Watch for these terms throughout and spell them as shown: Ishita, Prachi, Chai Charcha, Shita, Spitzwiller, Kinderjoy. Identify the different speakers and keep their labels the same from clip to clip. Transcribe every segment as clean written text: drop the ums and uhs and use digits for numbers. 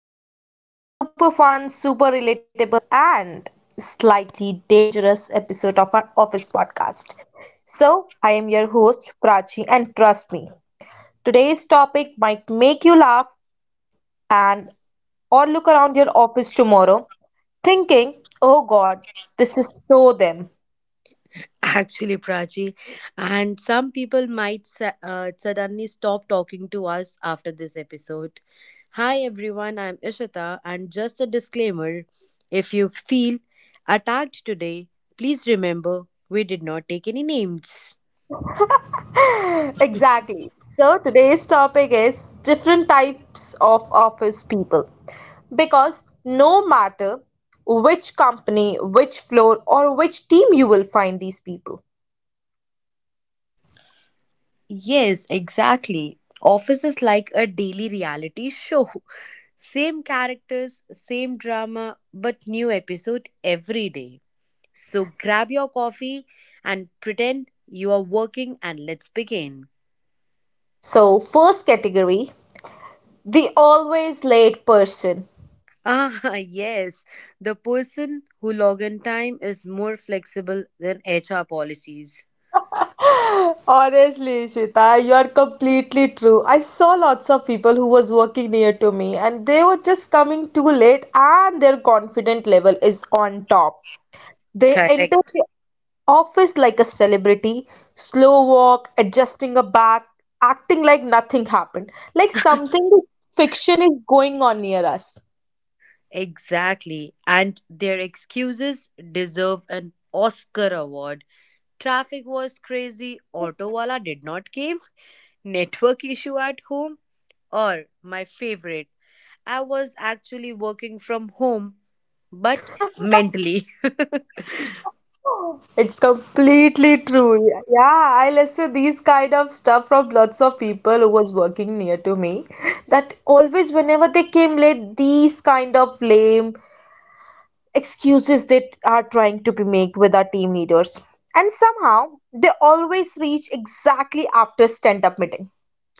Speaker 1: Welcome back to another super fun, super relatable, and slightly dangerous episode of our office podcast. So, I am your host Prachi, and trust me, today's topic might make you laugh and or look around your office tomorrow thinking, oh god, this is so them.
Speaker 2: Actually, Prachi, and some people might suddenly stop talking to us after this episode. Hi, everyone, I'm Ishita, and just a disclaimer if you feel attacked today, please remember we did not take any names.
Speaker 1: Exactly. So today's topic is different types of office people. Because no matter which company, which floor, or which team you will find these people.
Speaker 2: Yes, exactly. Office is like a daily reality show. Same characters, same drama, but new episode every day. So grab your coffee and pretend you are working and let's begin.
Speaker 1: So, first category the always late person.
Speaker 2: Ah, yes, the person who log in time is more flexible than HR policies.
Speaker 1: Honestly, Shita, you are completely true. I saw lots of people who was working near to me and they were just coming too late and their confident level is on top. They enter
Speaker 2: Correct.
Speaker 1: the office like a celebrity, slow walk, adjusting a back, acting like nothing happened, like something fiction is going on near us.
Speaker 2: Exactly. And their excuses deserve an Oscar award. Traffic was crazy, auto wala did not cave, network issue at home, or my favorite, I was actually working from home but mentally.
Speaker 1: It's completely true. Yeah, I listen these kind of stuff from lots of people who was working near to me. That always whenever they came late, these kind of lame excuses that are trying to be made with our team leaders. And somehow they always reach exactly after stand up meeting.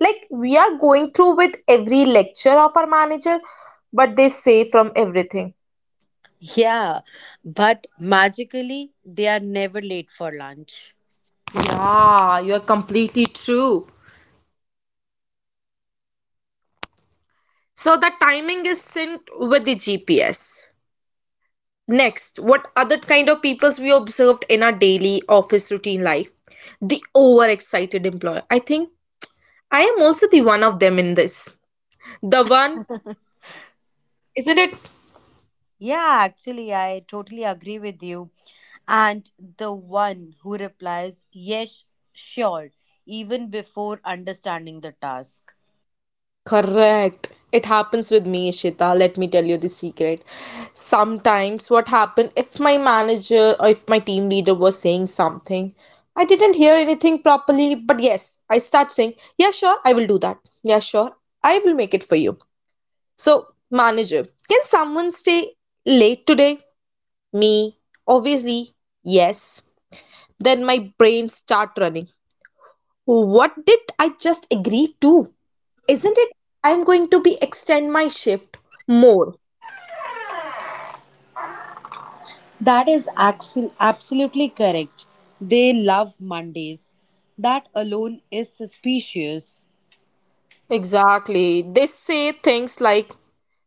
Speaker 1: Like we are going through with every lecture of our manager, but they say from everything.
Speaker 2: Yeah, but magically, they are never late for lunch.
Speaker 1: Yeah, you're completely true. So the timing is synced with the GPS. Next, what other kind of peoples we observed in our daily office routine life? The overexcited employer. I think I am also the one of them in this. The one, isn't it?
Speaker 2: Yeah, actually, I totally agree with you. And the one who replies, yes, sure, even before understanding the task.
Speaker 1: Correct. It happens with me, Ishita. Let me tell you the secret. Sometimes, what happened if my manager or if my team leader was saying something, I didn't hear anything properly, but yes, I start saying, yeah, sure, I will do that. Yeah, sure, I will make it for you. So, manager, can someone stay late today? Me, obviously, yes. Then my brain start running. What did I just agree to? Isn't it? I'm going to be extend my shift more.
Speaker 2: That is absolutely correct. They love Mondays. That alone is suspicious.
Speaker 1: Exactly. They say things like,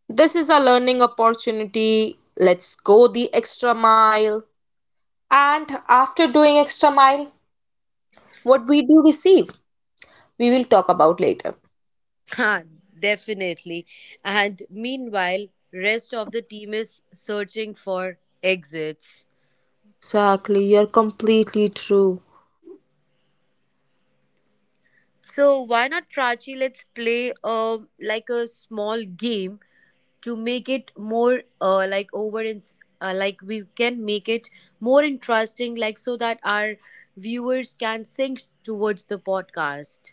Speaker 1: this is a learning opportunity, let's go the extra mile. And after doing extra mile, what we do receive, we will talk about later.
Speaker 2: Huh, definitely. And meanwhile, rest of the team is searching for exits.
Speaker 1: Exactly, you're completely true.
Speaker 2: So why not, Prachi? Let's play like a small game to make it more like over in like we can make it more interesting, like so that our viewers can sink towards the podcast.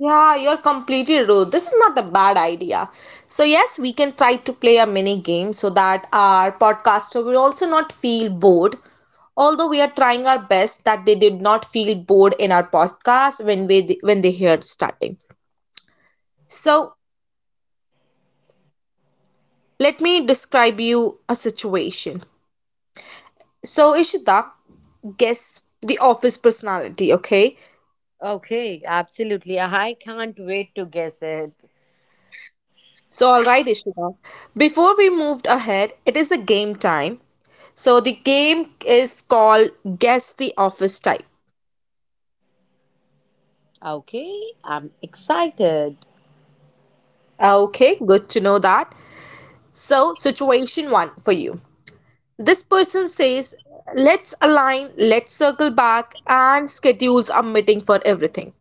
Speaker 1: Yeah, you're completely rude. This is not a bad idea. So, yes, we can try to play a mini game so that our podcaster will also not feel bored. Although we are trying our best that they did not feel bored in our podcast when we when they hear starting. So, let me describe you a situation. So, Ishita, guess the office personality, okay?
Speaker 2: Okay, absolutely. I can't wait to guess it.
Speaker 1: So, all right, Ishita. Before we moved ahead, it is a game time. So the game is called Guess the Office Type.
Speaker 2: Okay, I'm excited.
Speaker 1: Okay, good to know that. So, situation one for you. This person says, let's align, let's circle back, and schedules a meeting for everything.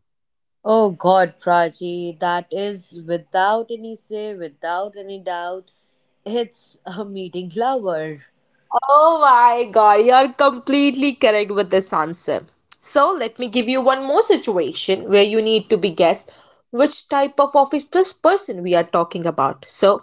Speaker 2: Oh God, Prachi, that is without any say, without any doubt, it's a meeting lover.
Speaker 1: Oh my god, you are completely correct with this answer. So, let me give you one more situation where you need to be guessed which type of office person we are talking about. So,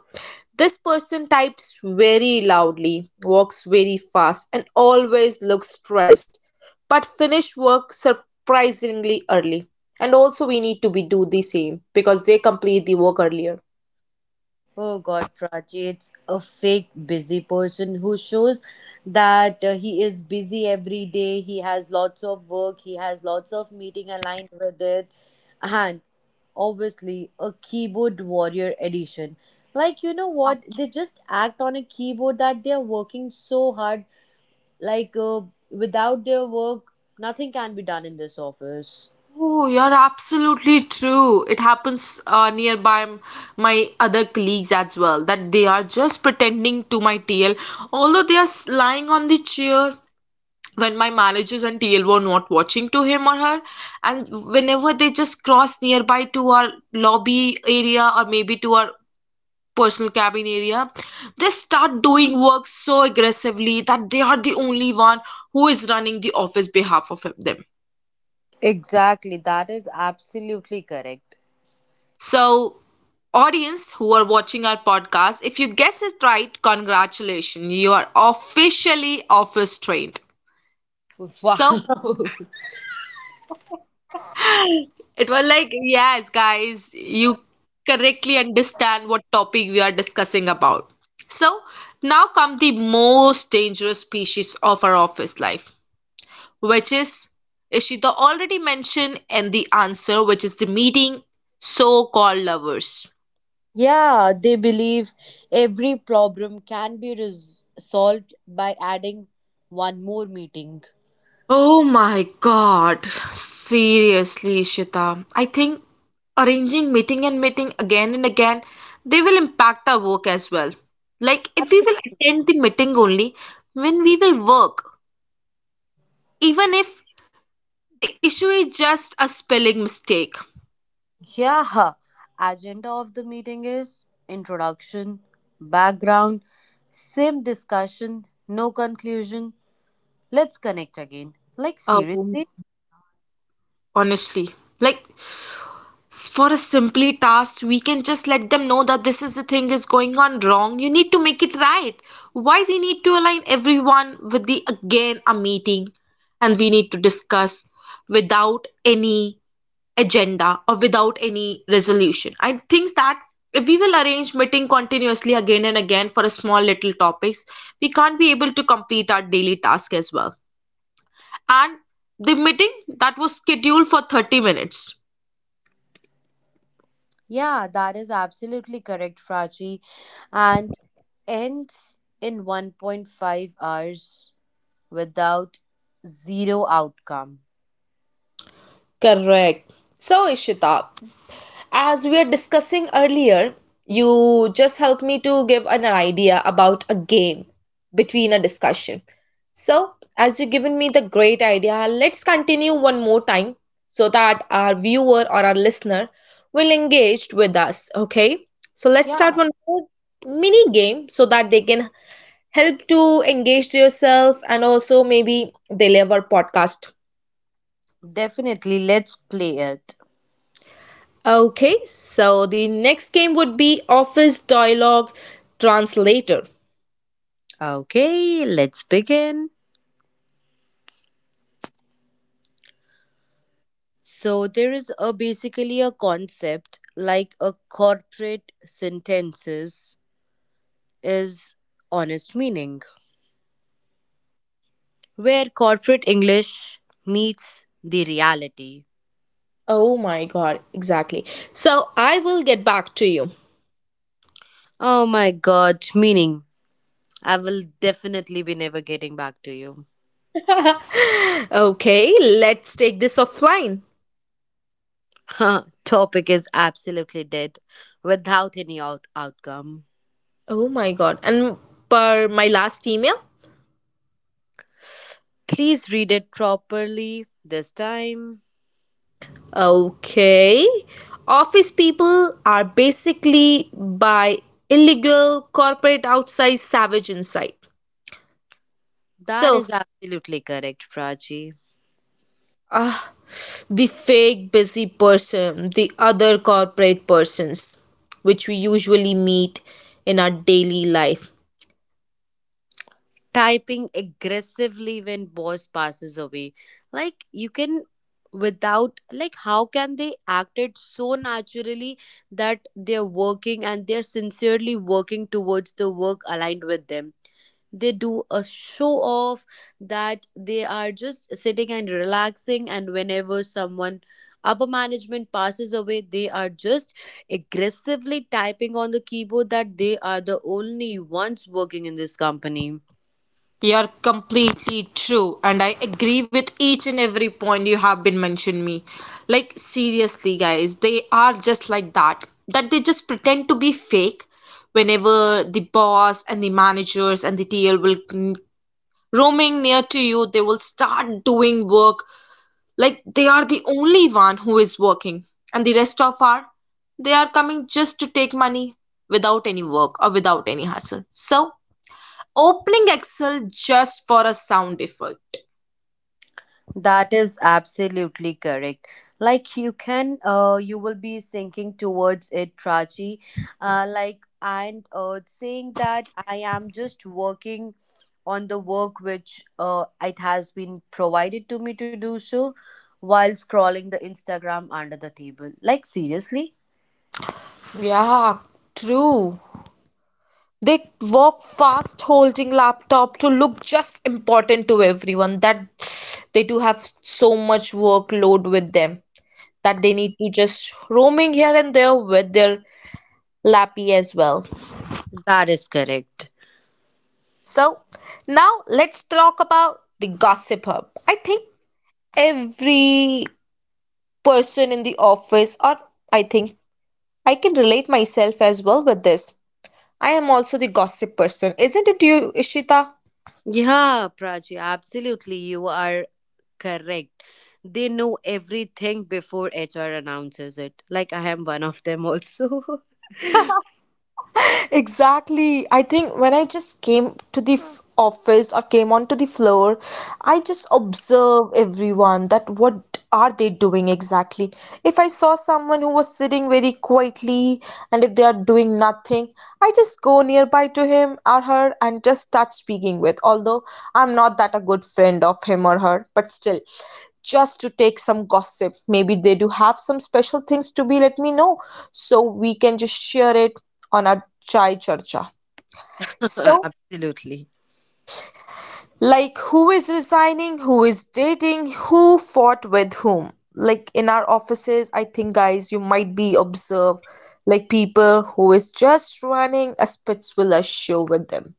Speaker 1: this person types very loudly, walks very fast, and always looks stressed, but finish work surprisingly early. And also, we need to be do the same because they complete the work earlier.
Speaker 2: Oh God, Prachi, it's a fake busy person who shows that he is busy every day. He has lots of work. He has lots of meeting aligned with it, and obviously a keyboard warrior edition. Like you know what? They just act on a keyboard that they are working so hard. Like without their work, nothing can be done in this office.
Speaker 1: Oh, you're absolutely true. It happens nearby my other colleagues as well that they are just pretending to my TL, although they are lying on the chair when my managers and TL were not watching to him or her. And whenever they just cross nearby to our lobby area or maybe to our personal cabin area, they start doing work so aggressively that they are the only one who is running the office behalf of them.
Speaker 2: Exactly, that is absolutely correct.
Speaker 1: So, audience who are watching our podcast, if you guess it right, congratulations, you are officially office trained.
Speaker 2: Wow.
Speaker 1: So, it was like, yes, guys, you correctly understand what topic we are discussing about. So, now come the most dangerous species of our office life, which is Ishita already mentioned in the answer, which is the meeting so called lovers.
Speaker 2: Yeah, they believe every problem can be solved by adding one more meeting.
Speaker 1: Oh my God. Seriously, Ishita. I think arranging meeting and meeting again and again, they will impact our work as well. Like if we will
Speaker 2: Absolutely.
Speaker 1: attend the meeting only when we will work, even if the issue is just a spelling mistake.
Speaker 2: Yeah, agenda of the meeting is introduction, background, same discussion, no conclusion. Let's connect again. Like,
Speaker 1: Oh,
Speaker 2: seriously?
Speaker 1: honestly. Like for a simply task we can just let them know that this is the thing is going on wrong, you need to make it right, why we need to align everyone with the again a meeting and we need to discuss without any agenda or without any resolution. I think that if we will arrange meeting continuously again and again for a small little topics, we can't be able to complete our daily task as well, and the meeting that was scheduled for 30 minutes.
Speaker 2: Yeah, that is absolutely correct, Prachi. And ends in 1.5 hours without zero outcome.
Speaker 1: Correct. So, Ishita, as we are discussing earlier, you just helped me to give an idea about a game between a discussion. So, as you've given me the great idea, let's continue one more time so that our viewer or our listener will engage with us. Okay. So, let's start
Speaker 2: Yeah.
Speaker 1: one more mini game so that they can help to engage yourself and also maybe they love our podcast.
Speaker 2: Definitely, let's play it.
Speaker 1: Okay, so the next game would be Office Dialogue Translator.
Speaker 2: Okay, let's begin. So there is a basically a concept like a corporate sentences is honest meaning where corporate English meets the reality.
Speaker 1: Oh my god, exactly. So I will get back to you.
Speaker 2: Oh my god, meaning I will definitely be never getting back to you.
Speaker 1: Okay, let's take this offline.
Speaker 2: Huh, topic is absolutely dead without any outcome.
Speaker 1: Oh my god. And per my last email?
Speaker 2: Please read it properly this time.
Speaker 1: Okay. Office people are basically by illegal corporate outside savage inside.
Speaker 2: That
Speaker 1: So,
Speaker 2: is absolutely correct, Prachi.
Speaker 1: ah, the fake busy person, the other corporate persons, which we usually meet in our daily life.
Speaker 2: Typing aggressively when boss passes away. Like you can, without like how can they act it so naturally that they're working and they're sincerely working towards the work aligned with them, they do a show off that they are just sitting and relaxing, and whenever someone upper management passes away they are just aggressively typing on the keyboard that they are the only ones working in this company.
Speaker 1: You are completely true, and I agree with each and every point you have been mentioned me. Like seriously, guys, they are just like that. That they just pretend to be fake whenever the boss and the managers and the TL will roaming near to you, they will start doing work like they are the only one who is working, and the rest of are they are coming just to take money without any work or without any hassle. So, opening Excel just for a sound effect.
Speaker 2: That is absolutely correct. Like you can, you will be sinking towards it, Prachi. Like and saying that I am just working on the work which it has been provided to me to do so, while scrolling the Instagram under the table. Like, seriously,
Speaker 1: Yeah, true. They walk fast holding laptop to look just important to everyone that they do have so much workload with them that they need to just roaming here and there with their lappy as well.
Speaker 2: that is correct.
Speaker 1: So, now let's talk about the gossip hub. I think every person in the office, or I think I can relate myself as well with this. I am also the gossip person, isn't it you, Ishita?
Speaker 2: Yeah, Prachi, absolutely. You are correct. They know everything before HR announces it. Like, I am one of them also.
Speaker 1: Exactly. I think when I just came to the office or came onto the floor, I just observe everyone that what are they doing exactly. If I saw someone who was sitting very quietly and if they are doing nothing, I just go nearby to him or her and just start speaking with. Although I'm not that a good friend of him or her, but still just to take some gossip. Maybe they do have some special things to be let me know so we can just share it on our Chai Charcha. So,
Speaker 2: Absolutely.
Speaker 1: like, who is resigning, who is dating, who fought with whom? Like, in our offices, I think, guys, you might be observe like people who is just running a Spitzwiller show with them.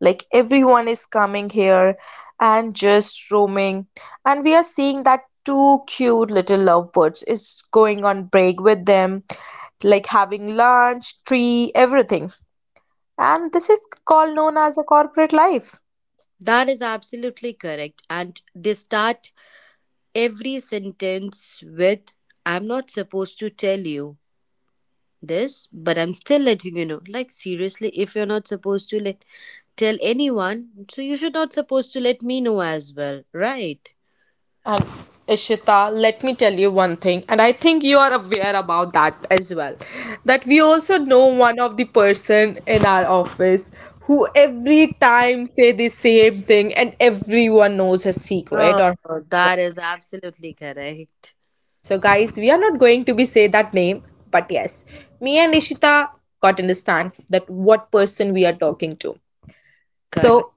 Speaker 1: Like, everyone is coming here and just roaming, and we are seeing that two cute little lovebirds is going on break with them like having lunch, tree, everything. And this is called known as a corporate life.
Speaker 2: That is absolutely correct. And they start every sentence with, I'm not supposed to tell you this, but I'm still letting you know. Like, seriously, if you're not supposed to let, tell anyone, so you should not supposed to let me know as well, right?
Speaker 1: And Ishita, let me tell you one thing, and I think you are aware about that as well. That we also know one of the person in our office who every time say the same thing and everyone knows a secret
Speaker 2: Oh,
Speaker 1: or
Speaker 2: that is absolutely correct.
Speaker 1: so guys, we are not going to be say that name, but yes, me and Ishita got understand that what person we are talking to.
Speaker 2: Correct.
Speaker 1: So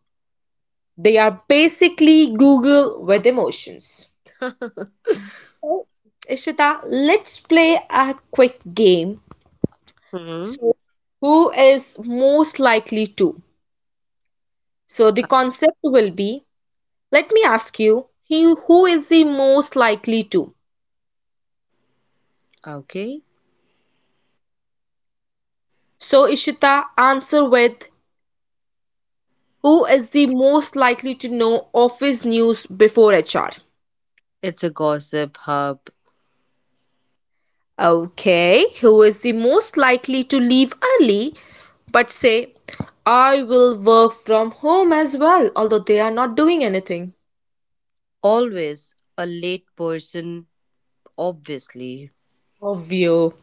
Speaker 1: they are basically Google with emotions. So, Ishita, let's play a quick game.
Speaker 2: Hmm.
Speaker 1: So, who is most likely to? So, the concept will be let me ask you, he, who is the most likely to?
Speaker 2: Okay.
Speaker 1: So, Ishita, answer with who is the most likely to know office news before HR?
Speaker 2: It's a gossip hub.
Speaker 1: Okay, who is the most likely to leave early but say, I will work from home as well, although they are not doing anything?
Speaker 2: Always a late person, obviously.
Speaker 1: Obvio.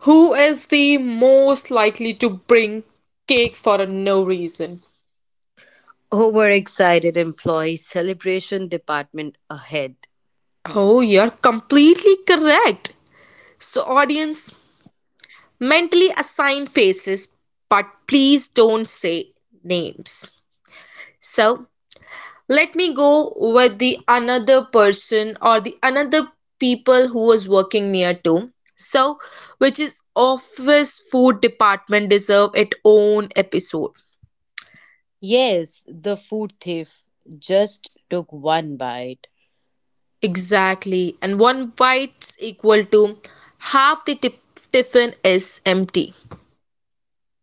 Speaker 1: Who is the most likely to bring cake for a no reason?
Speaker 2: Overexcited employee celebration department ahead.
Speaker 1: Oh, you're completely correct. So, audience, mentally assign faces, but please don't say names. So, let me go with the another person or the another people who was working near to. So, which is office food department deserve its own episode.
Speaker 2: Yes, the food thief just took one bite.
Speaker 1: Exactly. And one bite's equal to half the tiffin is empty.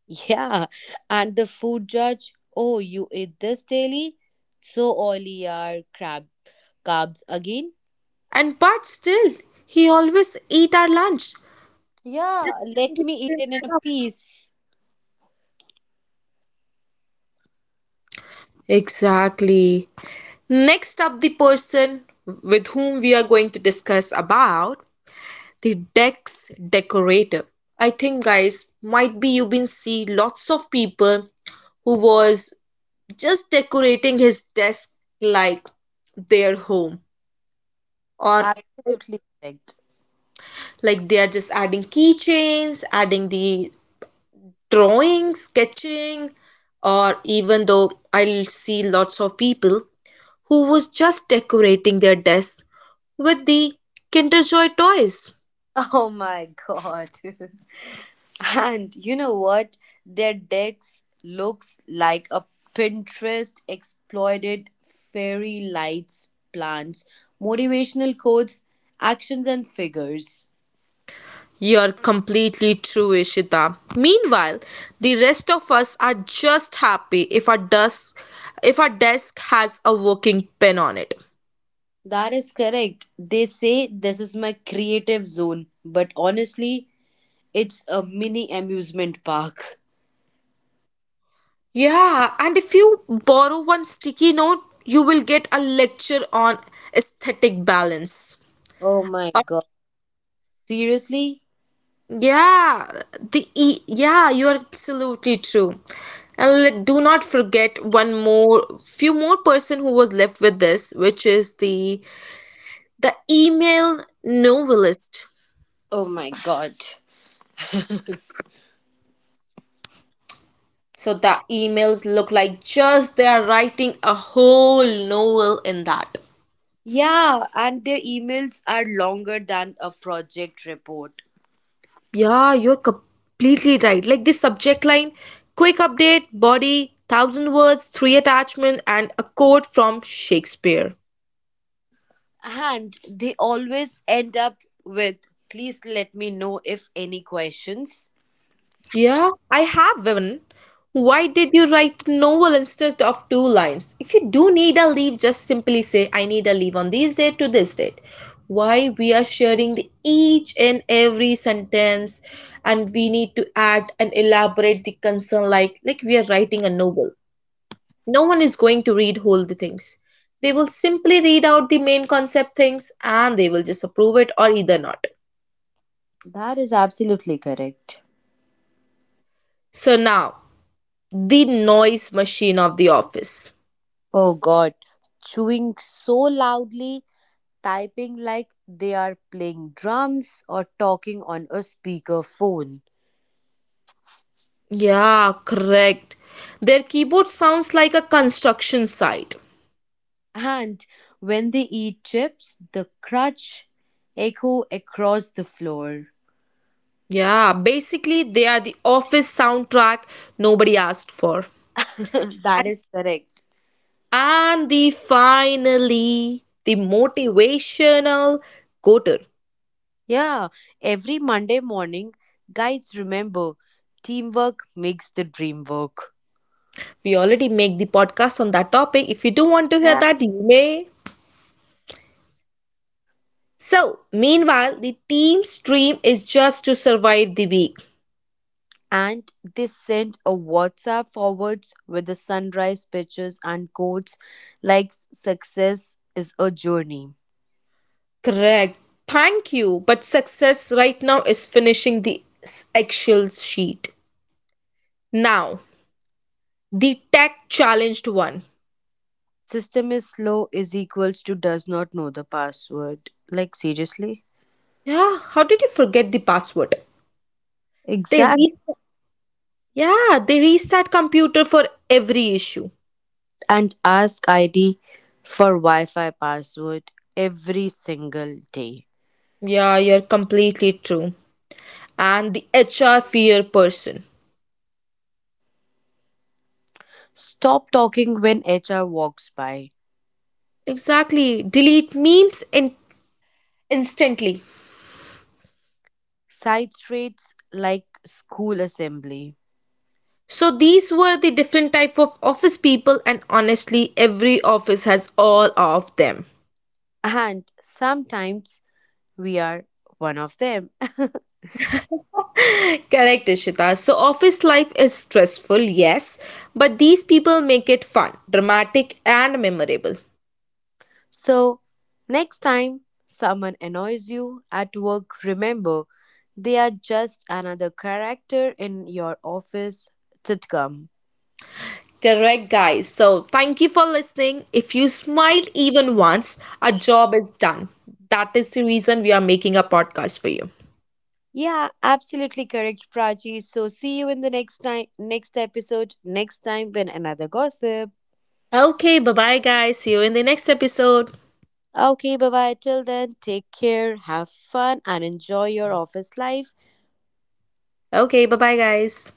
Speaker 2: Yeah, and the food judge. Oh, you eat this daily? So oily are crab carbs again.
Speaker 1: And but still, he always eat our lunch. Just
Speaker 2: Yeah,
Speaker 1: saying
Speaker 2: let
Speaker 1: the
Speaker 2: me eat
Speaker 1: same
Speaker 2: it in a
Speaker 1: dialogue.
Speaker 2: piece.
Speaker 1: Exactly. Next up, the person with whom we are going to discuss about the Dex decorator. I think, guys, might be you've been see lots of people who was just decorating his desk like their home or
Speaker 2: Absolutely correct.
Speaker 1: like they are just adding keychains adding the drawing sketching, or even though I'll see lots of people who was just decorating their desks with the kinderjoy toys.
Speaker 2: Oh my god. And you know what? Their decks looks like a Pinterest exploited fairy lights, plants, motivational quotes, actions and figures.
Speaker 1: You're completely true, Ishita. Meanwhile, the rest of us are just happy if our desk has a working pen on it.
Speaker 2: That is correct. They say this is my creative zone, but honestly, it's a mini amusement park.
Speaker 1: Yeah, and if you borrow one sticky note, you will get a lecture on aesthetic balance.
Speaker 2: Oh my
Speaker 1: Uh,
Speaker 2: god. Seriously?
Speaker 1: yeah, the e yeah, you're absolutely true. And let, do not forget one more few more person who was left with this, which is the email novelist.
Speaker 2: Oh my god.
Speaker 1: So the emails look like just they are writing a whole novel in that.
Speaker 2: Yeah, and their emails are longer than a project report.
Speaker 1: Yeah, you're completely right. Like this subject line, quick update, body, 1,000 words, three attachment, and a quote from Shakespeare.
Speaker 2: And they always end up with, please let me know if any questions.
Speaker 1: Yeah, I have one. Why did you write novel instead of two lines? If you do need a leave, just simply say, I need a leave on this date to this date. Why we are sharing the each and every sentence and we need to add and elaborate the concern like we are writing a novel. No one is going to read whole the things, they will simply read out the main concept things and they will just approve it or either not.
Speaker 2: That is absolutely correct.
Speaker 1: So now, the noise machine of the office.
Speaker 2: Oh god, chewing so loudly, typing like they are playing drums or talking on a speakerphone.
Speaker 1: Yeah, correct, their keyboard sounds like a construction site.
Speaker 2: And when they eat chips, the crunch echo across the floor.
Speaker 1: Yeah, basically they are the office soundtrack nobody asked for.
Speaker 2: That is correct.
Speaker 1: And the finally the motivational quoter.
Speaker 2: Yeah, every Monday morning, guys, remember teamwork makes the dream work.
Speaker 1: We already make the podcast on that topic. If you do want to hear
Speaker 2: Yeah.
Speaker 1: that, you may. So, meanwhile, the team's dream is just to survive the week.
Speaker 2: And they sent a WhatsApp forwards with the sunrise pictures and quotes like success is a journey.
Speaker 1: Correct. Thank you. But success right now is finishing the Excel sheet. Now, the tech challenged one.
Speaker 2: System is slow is equals to does not know the password. Like, seriously?
Speaker 1: Yeah, how did you forget the password? They
Speaker 2: Exact
Speaker 1: restart. Yeah, they restart computer for every issue.
Speaker 2: and ask ID for Wi-Fi password every single day.
Speaker 1: Yeah, you're completely true. And the HR fear person.
Speaker 2: Stop talking when HR walks by.
Speaker 1: Exactly. Delete memes instantly.
Speaker 2: Side streets like school assembly.
Speaker 1: So these were the different type of office people and honestly every office has all of them.
Speaker 2: And sometimes we are one of them.
Speaker 1: Correct, Ishita. So office life is stressful, yes, but these people make it fun, dramatic and memorable.
Speaker 2: So, next time someone annoys you at work, remember they are just another character in your office sitcom.
Speaker 1: Correct, guys. So thank you for listening. If you smiled even once, our job is done. That is the reason we are making a podcast for you.
Speaker 2: Yeah, absolutely correct, Prachi. So, see you in the next time, next episode, next time when another gossip.
Speaker 1: Okay, bye bye, guys. See you in the next episode.
Speaker 2: Okay, bye bye. Till then, take care, have fun, and enjoy your office life.
Speaker 1: Okay, bye bye, guys.